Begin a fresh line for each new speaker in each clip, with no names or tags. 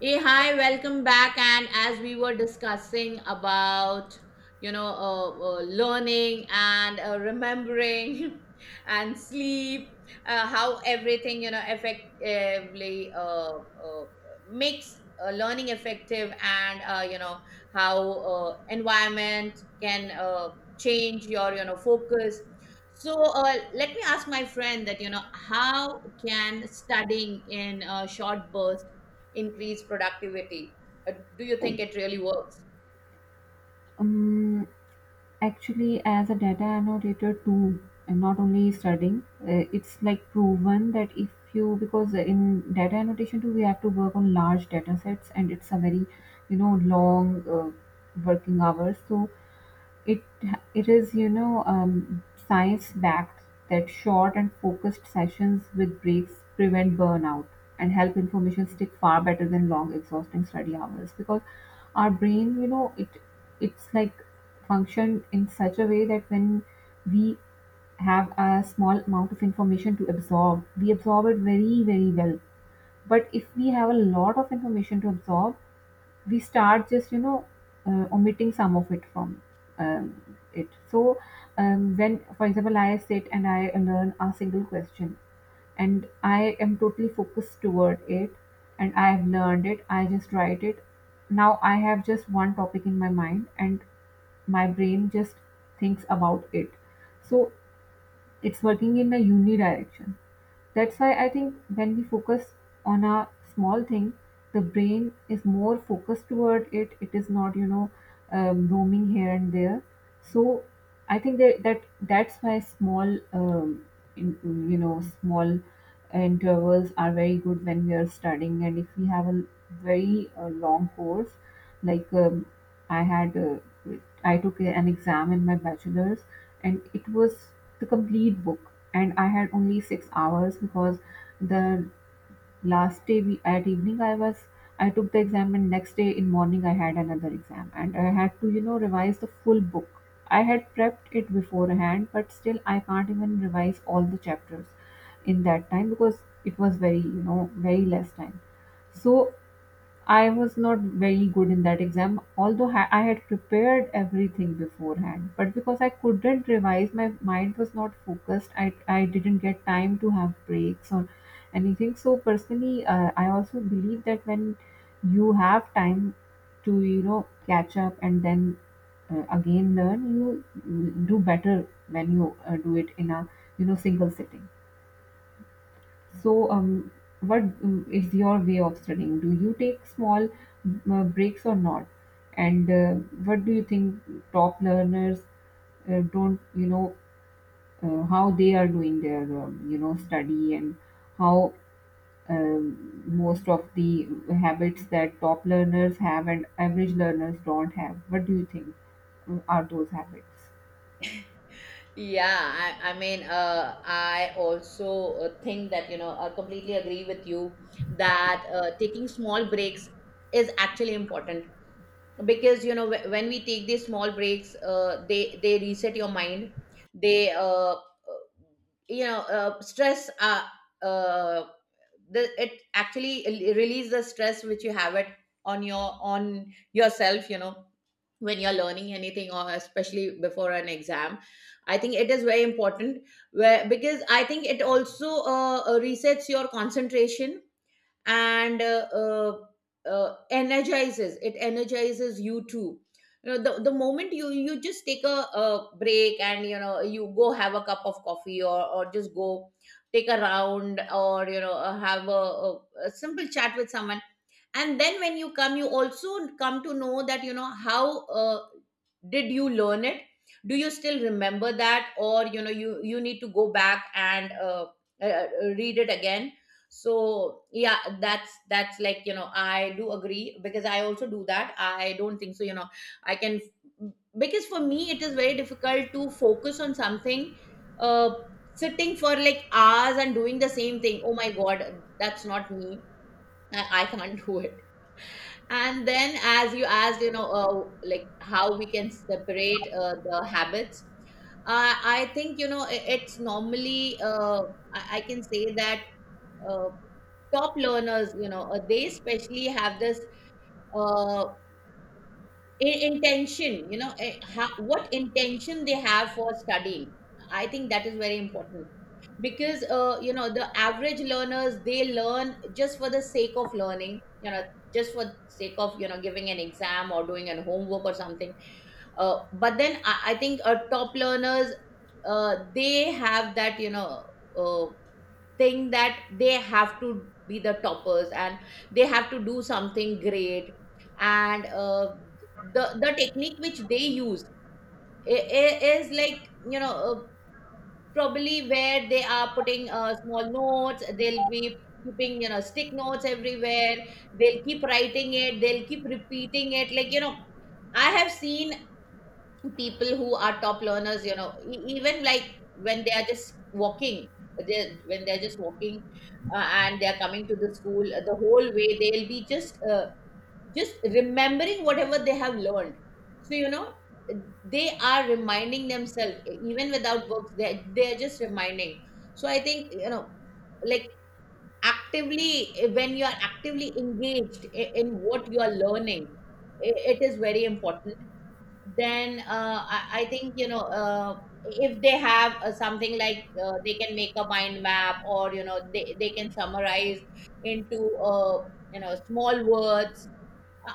Hey, hi, welcome back. And as we were discussing about, you know, uh, learning and remembering and sleep, how everything, you know, effectively makes learning effective and, how environment can change your, you know, focus. So let me ask my friend that, you know, how can studying in short bursts increase productivity. Do you think it really works?
Um, Actually, as a data annotator tool, and not only studying, it's like proven that if you because in data annotation too, we have to work on large data sets, and it's a very long working hours. So it it is science backed that short and focused sessions with breaks prevent burnout and help information stick far better than long exhausting study hours because our brain, it's like functioned in such a way that when we have a small amount of information to absorb, we absorb it very, very well. But if we have a lot of information to absorb, we start just omitting some of it from it. So when, for example, I sit and I learn a single question and I am totally focused toward it and I have learned it, I just write it. Now I have just one topic in my mind, and my brain just thinks about it. So it's working in a uni direction. That's why I think when we focus on a small thing, the brain is more focused toward it. It is not, roaming here and there. So I think that, that's why small, in, small intervals are very good when we are studying. And if we have a very long course, like um, I had, I took an exam in my bachelor's, and it was the complete book, and I had only 6 hours because the last day, at evening, I was I took the exam, and next day in morning I had another exam, and I had to, you know, revise the full book. I had prepped it beforehand, but still I can't even revise all the chapters in that time because it was very, you know, very less time. So I was not very good in that exam, although I had prepared everything beforehand. But because I couldn't revise, my mind was not focused. I didn't get time to have breaks or anything. So personally, I also believe that when you have time to, you know, catch up, and then again learn, you do better when you do it in a, you know, single sitting. So, what is your way of studying? Do you take small breaks or not? And what do you think top learners don't, you know, how they are doing their, study, and how most of the habits that top learners have and average learners don't have? What do you think are those habits?
Yeah, I mean, I also think that, you know, I completely agree with you that taking small breaks is actually important. Because you know when we take these small breaks, they reset your mind. They you know stress uh, the, it actually release the stress which you have it on yourself, you know, when you're learning anything or especially before an exam. I think it is very important, where because I think it also resets your concentration, and energizes it energizes you too. You know, the moment you just take a break and you know you go have a cup of coffee, or just go take a round, or you know have a simple chat with someone and then when you come, you also come to know that you know how did you learn it, do you still remember that, or you know you need to go back and uh, uh, read it again. So yeah, that's like, you know, I do agree because I also do that. I don't think so, you know, I can, because for me it is very difficult to focus on something, uh sitting for like hours and doing the same thing. Oh my god, that's not me. I can't do it. And then, as you asked, you know, like how we can separate the habits, I think, you know, it's normally, I can say that uh, top learners, you know, they especially have this. Uh, Intention, you know, what intention they have for studying. I think that is very important, because you know, the average learners, they learn just for the sake of learning, you know, just for sake of, you know, giving an exam or doing an homework or something. But then, I think top learners, they have that, you know, uh, think that they have to be the toppers and they have to do something great. And the technique which they use is like, you know, probably where they are putting small notes, they'll be keeping, you know, stick notes everywhere. They'll keep writing it, they'll keep repeating it, like, you know, I have seen people who are top learners, you know, even like when they are just walking, they when they're just walking and they're coming to the school, the whole way they'll be just remembering whatever they have learned. So you know, they are reminding themselves, even without books, they they're just reminding. So I think, you know, like, actively, when you are actively engaged in what you are learning, it is very important. Then I think, you know, if they have something like, they can make a mind map, or you know, they can summarize into you know, small words.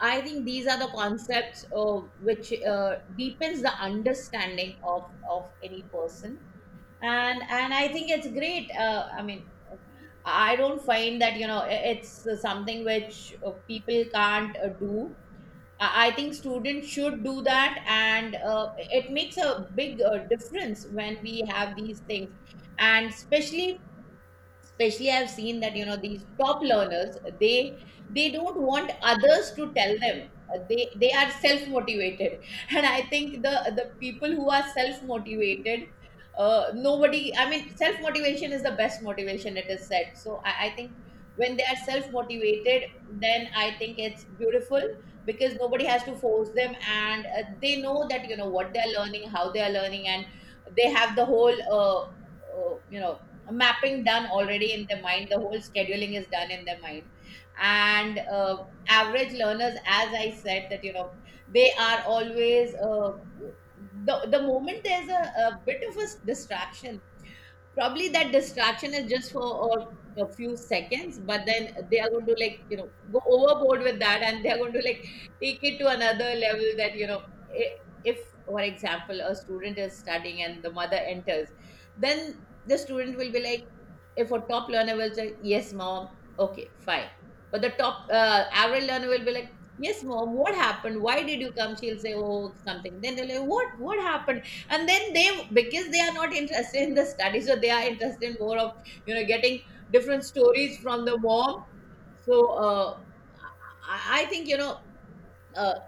I think these are the concepts which deepens the understanding of any person. And I think it's great, I mean, I don't find that, you know, it's something which people can't do. I think students should do that, and it makes a big difference when we have these things, and especially I've seen that, you know, these top learners, they don't want others to tell them. They are self motivated and I think the people who are self motivated, nobody, I mean, self motivation is the best motivation, it is said. So I think when they are self motivated, then I think it's beautiful, because nobody has to force them and they know that, you know, what they are learning, how they are learning, and they have the whole you know, mapping done already in their mind, the whole scheduling is done in their mind. And average learners, as I said, that you know, they are always the moment there's a bit of a distraction, probably that distraction is just for a few seconds, but then they are going to like, you know, go overboard with that and they are going to like take it to another level, that you know, i- if for example a student is studying and the mother enters, then the student will be like, if a top learner will say yes mom, okay fine. But the top average learner will be like, yes mom, what happened, why did you come, she'll say oh something, then they'll like what happened. And then they, because they are not interested in the study, so they are interested in more of, you know, getting different stories from the mom. So uh, I think, you know, uh,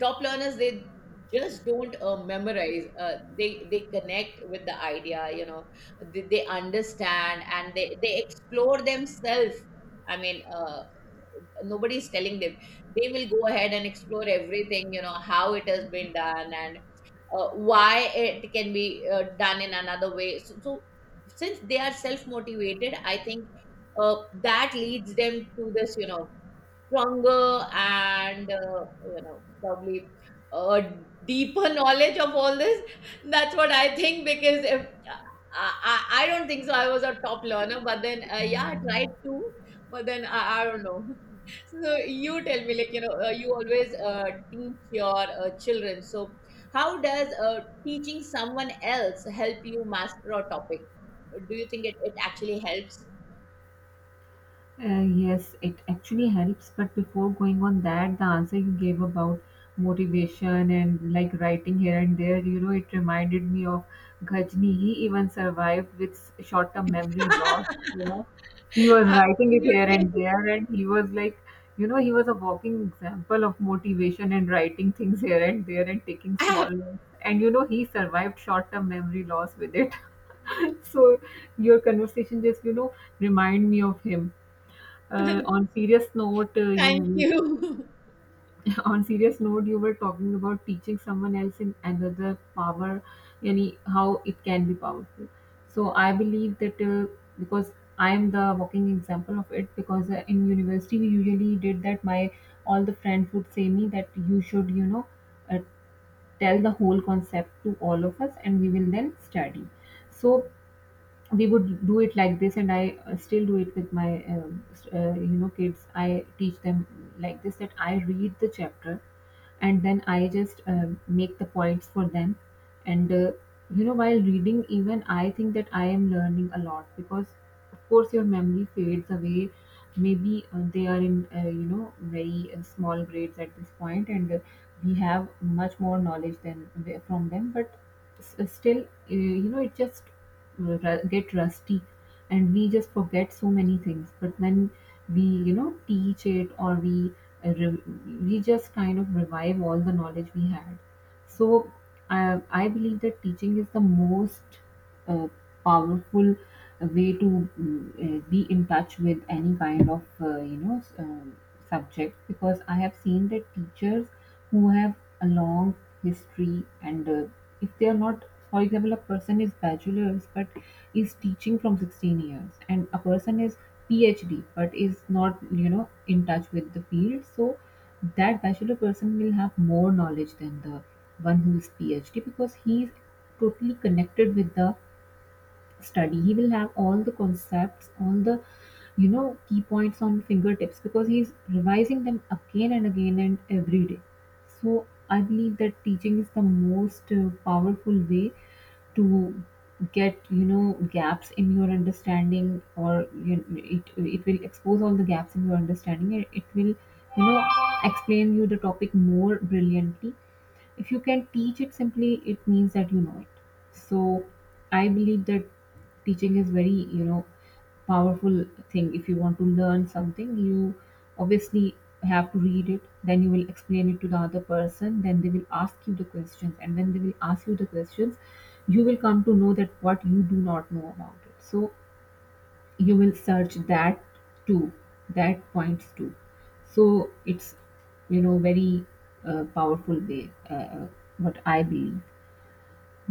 top learners, they just don't memorize, they connect with the idea, you know, they understand and they explore themselves. I mean, nobody's telling them, they will go ahead and explore everything, you know, how it has been done and why it can be done in another way. So, so since they are self motivated, I think uh, that leads them to this, you know, stronger and, you know, probably uh, deeper knowledge of all this. That's what I think, because if I don't think so, I was a top learner, but then, yeah, I tried to, but then I don't know. So you tell me, like, you know, you always teach your children. So how does teaching someone else help you master a topic? Do you think it actually helps?
Yes, it actually helps. But before going on that, the answer you gave about motivation and like writing here and there, you know, it reminded me of Ghajni. He even survived with short term memory loss. You know, he was writing it here and
Absolutely.
there, and he was like, you know, he was a walking example of motivation and writing things here and there and taking small notes. And you know, he survived short term memory loss with it. So, your conversation just, you know, remind me of him. On serious note, uh,
Thank
you
you.
On serious note, you were talking about teaching someone else in another power, yani how it can be powerful. So I believe that, because I am the walking example of it. Because, in university, we usually did that. My all the friends would say me that you should, you know, uh, tell the whole concept to all of us, and we will then study. So we would do it like this, and I still do it with my you know, kids. I teach them like this, that I read the chapter and then I just make the points for them. And you know, while reading, even I think that I am learning a lot because of course your memory fades away. Maybe they are in, you know, very small grades at this point, and we have much more knowledge than from them. But still, you know, it just get rusty, and we just forget so many things. But when we, you know, teach it or we uh, re- we just kind of revive all the knowledge we had. So I believe that teaching is the most uh, powerful way to be in touch with any kind of, you know, subject. Because I have seen that teachers who have a long history, and if they are not, for example, a person is bachelor's but is teaching from 16 years, and a person is phd but is not, you know, in touch with the field, so that bachelor person will have more knowledge than the one who is phd, because he is totally connected with the study. He will have all the concepts, all the, you know, key points on fingertips, because he's revising them again and again and every day. So I believe that teaching is the most powerful way to get, you know, gaps in your understanding, or you it, it will expose all the gaps in your understanding, and it will, you know, explain you the topic more brilliantly. If you can teach it simply, it means that you know it. So I believe that teaching is very, you know, powerful thing. If you want to learn something, you obviously have to read it, then you will explain it to the other person, then they will ask you the questions, and when they will ask you the questions, you will come to know that what you do not know about it. So you will search that too, that points too. So it's, you know, very powerful way, what I believe.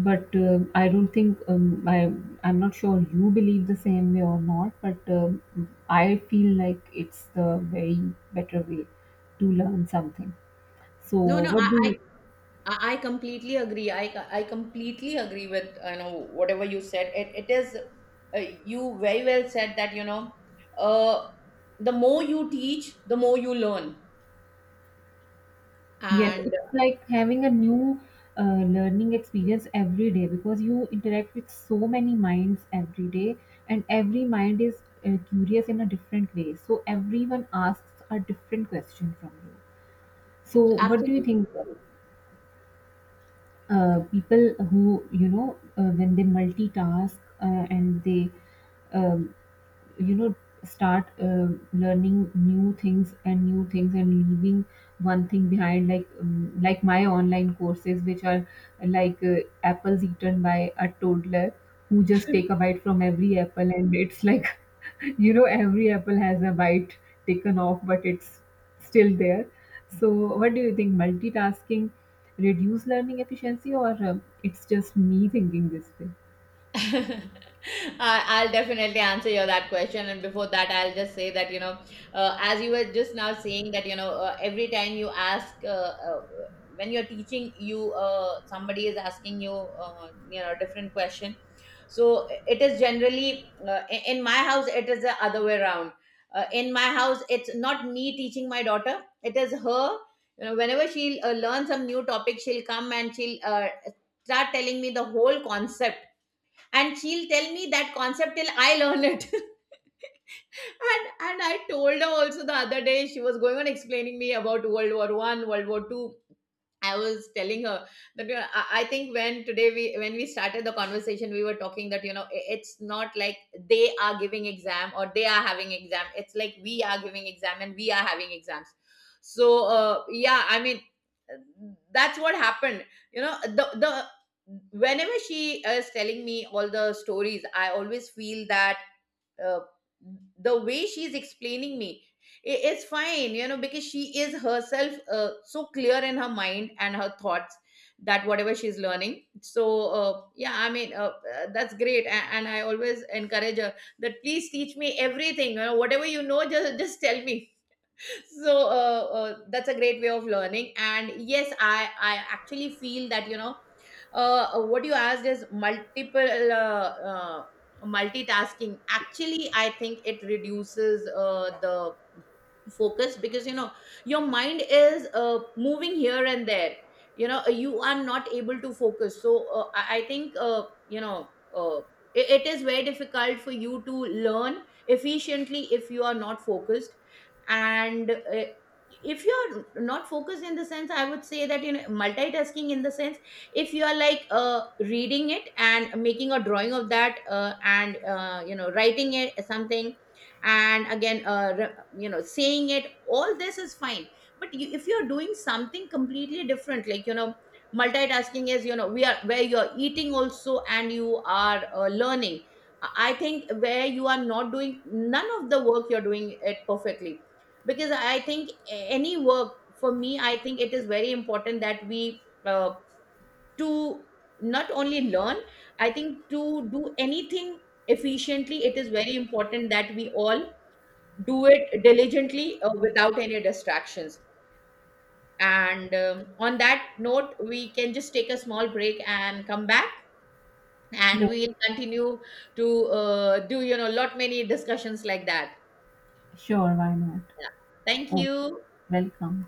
But I don't think, I'm not sure you believe the same way or not, but I feel like it's the very better way to learn something. So
No, no, I,
what do
I
you
I completely agree. I completely agree with you know, whatever you said. It is, you very well said that, you know, uh the more you teach, the more you learn,
Yes,
and
it's like having a new uh, learning experience every day, because you interact with so many minds every day, and every mind is curious in a different way. So everyone asks a different question from you. So, what do you
Absolutely.
think? People who, you know, when they multitask, and they um, you know, start learning new things and leaving one thing behind, like my online courses which are like, apples eaten by a toddler, who just take a bite from every apple, and it's like you know, every apple has a bite taken off, but it's still there. So what do you think, multitasking reduce learning efficiency, or it's just me thinking this way?
I'll definitely answer your that question. And before that, I'll just say that, you know, as you were just now saying that, you know, every time you ask, uh, when you're teaching, you somebody is asking you, you know, different question. So it is generally in my house. It is the other way around. In my house, it's not me teaching my daughter. It is her. You know, whenever she'll learn some new topic, she'll come and she'll start telling me the whole concept, and she'll tell me that concept till I learn it. And I told her also. The other day she was going on explaining me about World War One, World War Two, I was telling her that, you know, I think when today we when we started the conversation, we were talking that, you know, it's not like they are giving exam or they are having exam. It's like we are giving exam and we are having exams. So yeah, I mean, uh, that's what happened. You know the whenever she is telling me all the stories, I always feel that, uh, the way she's explaining me, it's fine, you know, because she is herself so clear in her mind and her thoughts, that whatever she's learning. So yeah, I mean that's great, and I always encourage her that please teach me everything, you know, whatever you know, just tell me. So that's a great way of learning. And yes, I actually feel that, you know, what you asked is multiple multitasking. Actually, I think it reduces the focus, because you know your mind is moving here and there, you know, you are not able to focus. So I think, it it is very difficult for you to learn efficiently if you are not focused. And if you're not focused, in the sense I would say that, you know, multitasking in the sense, if you are like reading it and making a drawing of that and you know, writing it something, and again you know, saying it, all this is fine. But you, if you're doing something completely different, like, you know, multitasking is, you know, we are where you're eating also and you are learning. I think, where you are not doing, none of the work you're doing it perfectly, because I think any work, for me I think it is very important that we uh, to not only learn, I think, to do anything efficiently, it is very important that we all do it diligently, without any distractions. And on that note, we can just take a small break and come back, and
Yeah.
we'll continue to do, you know, lot many discussions like that.
Sure, why not.
Yeah. Thank
Okay,
you.
welcome.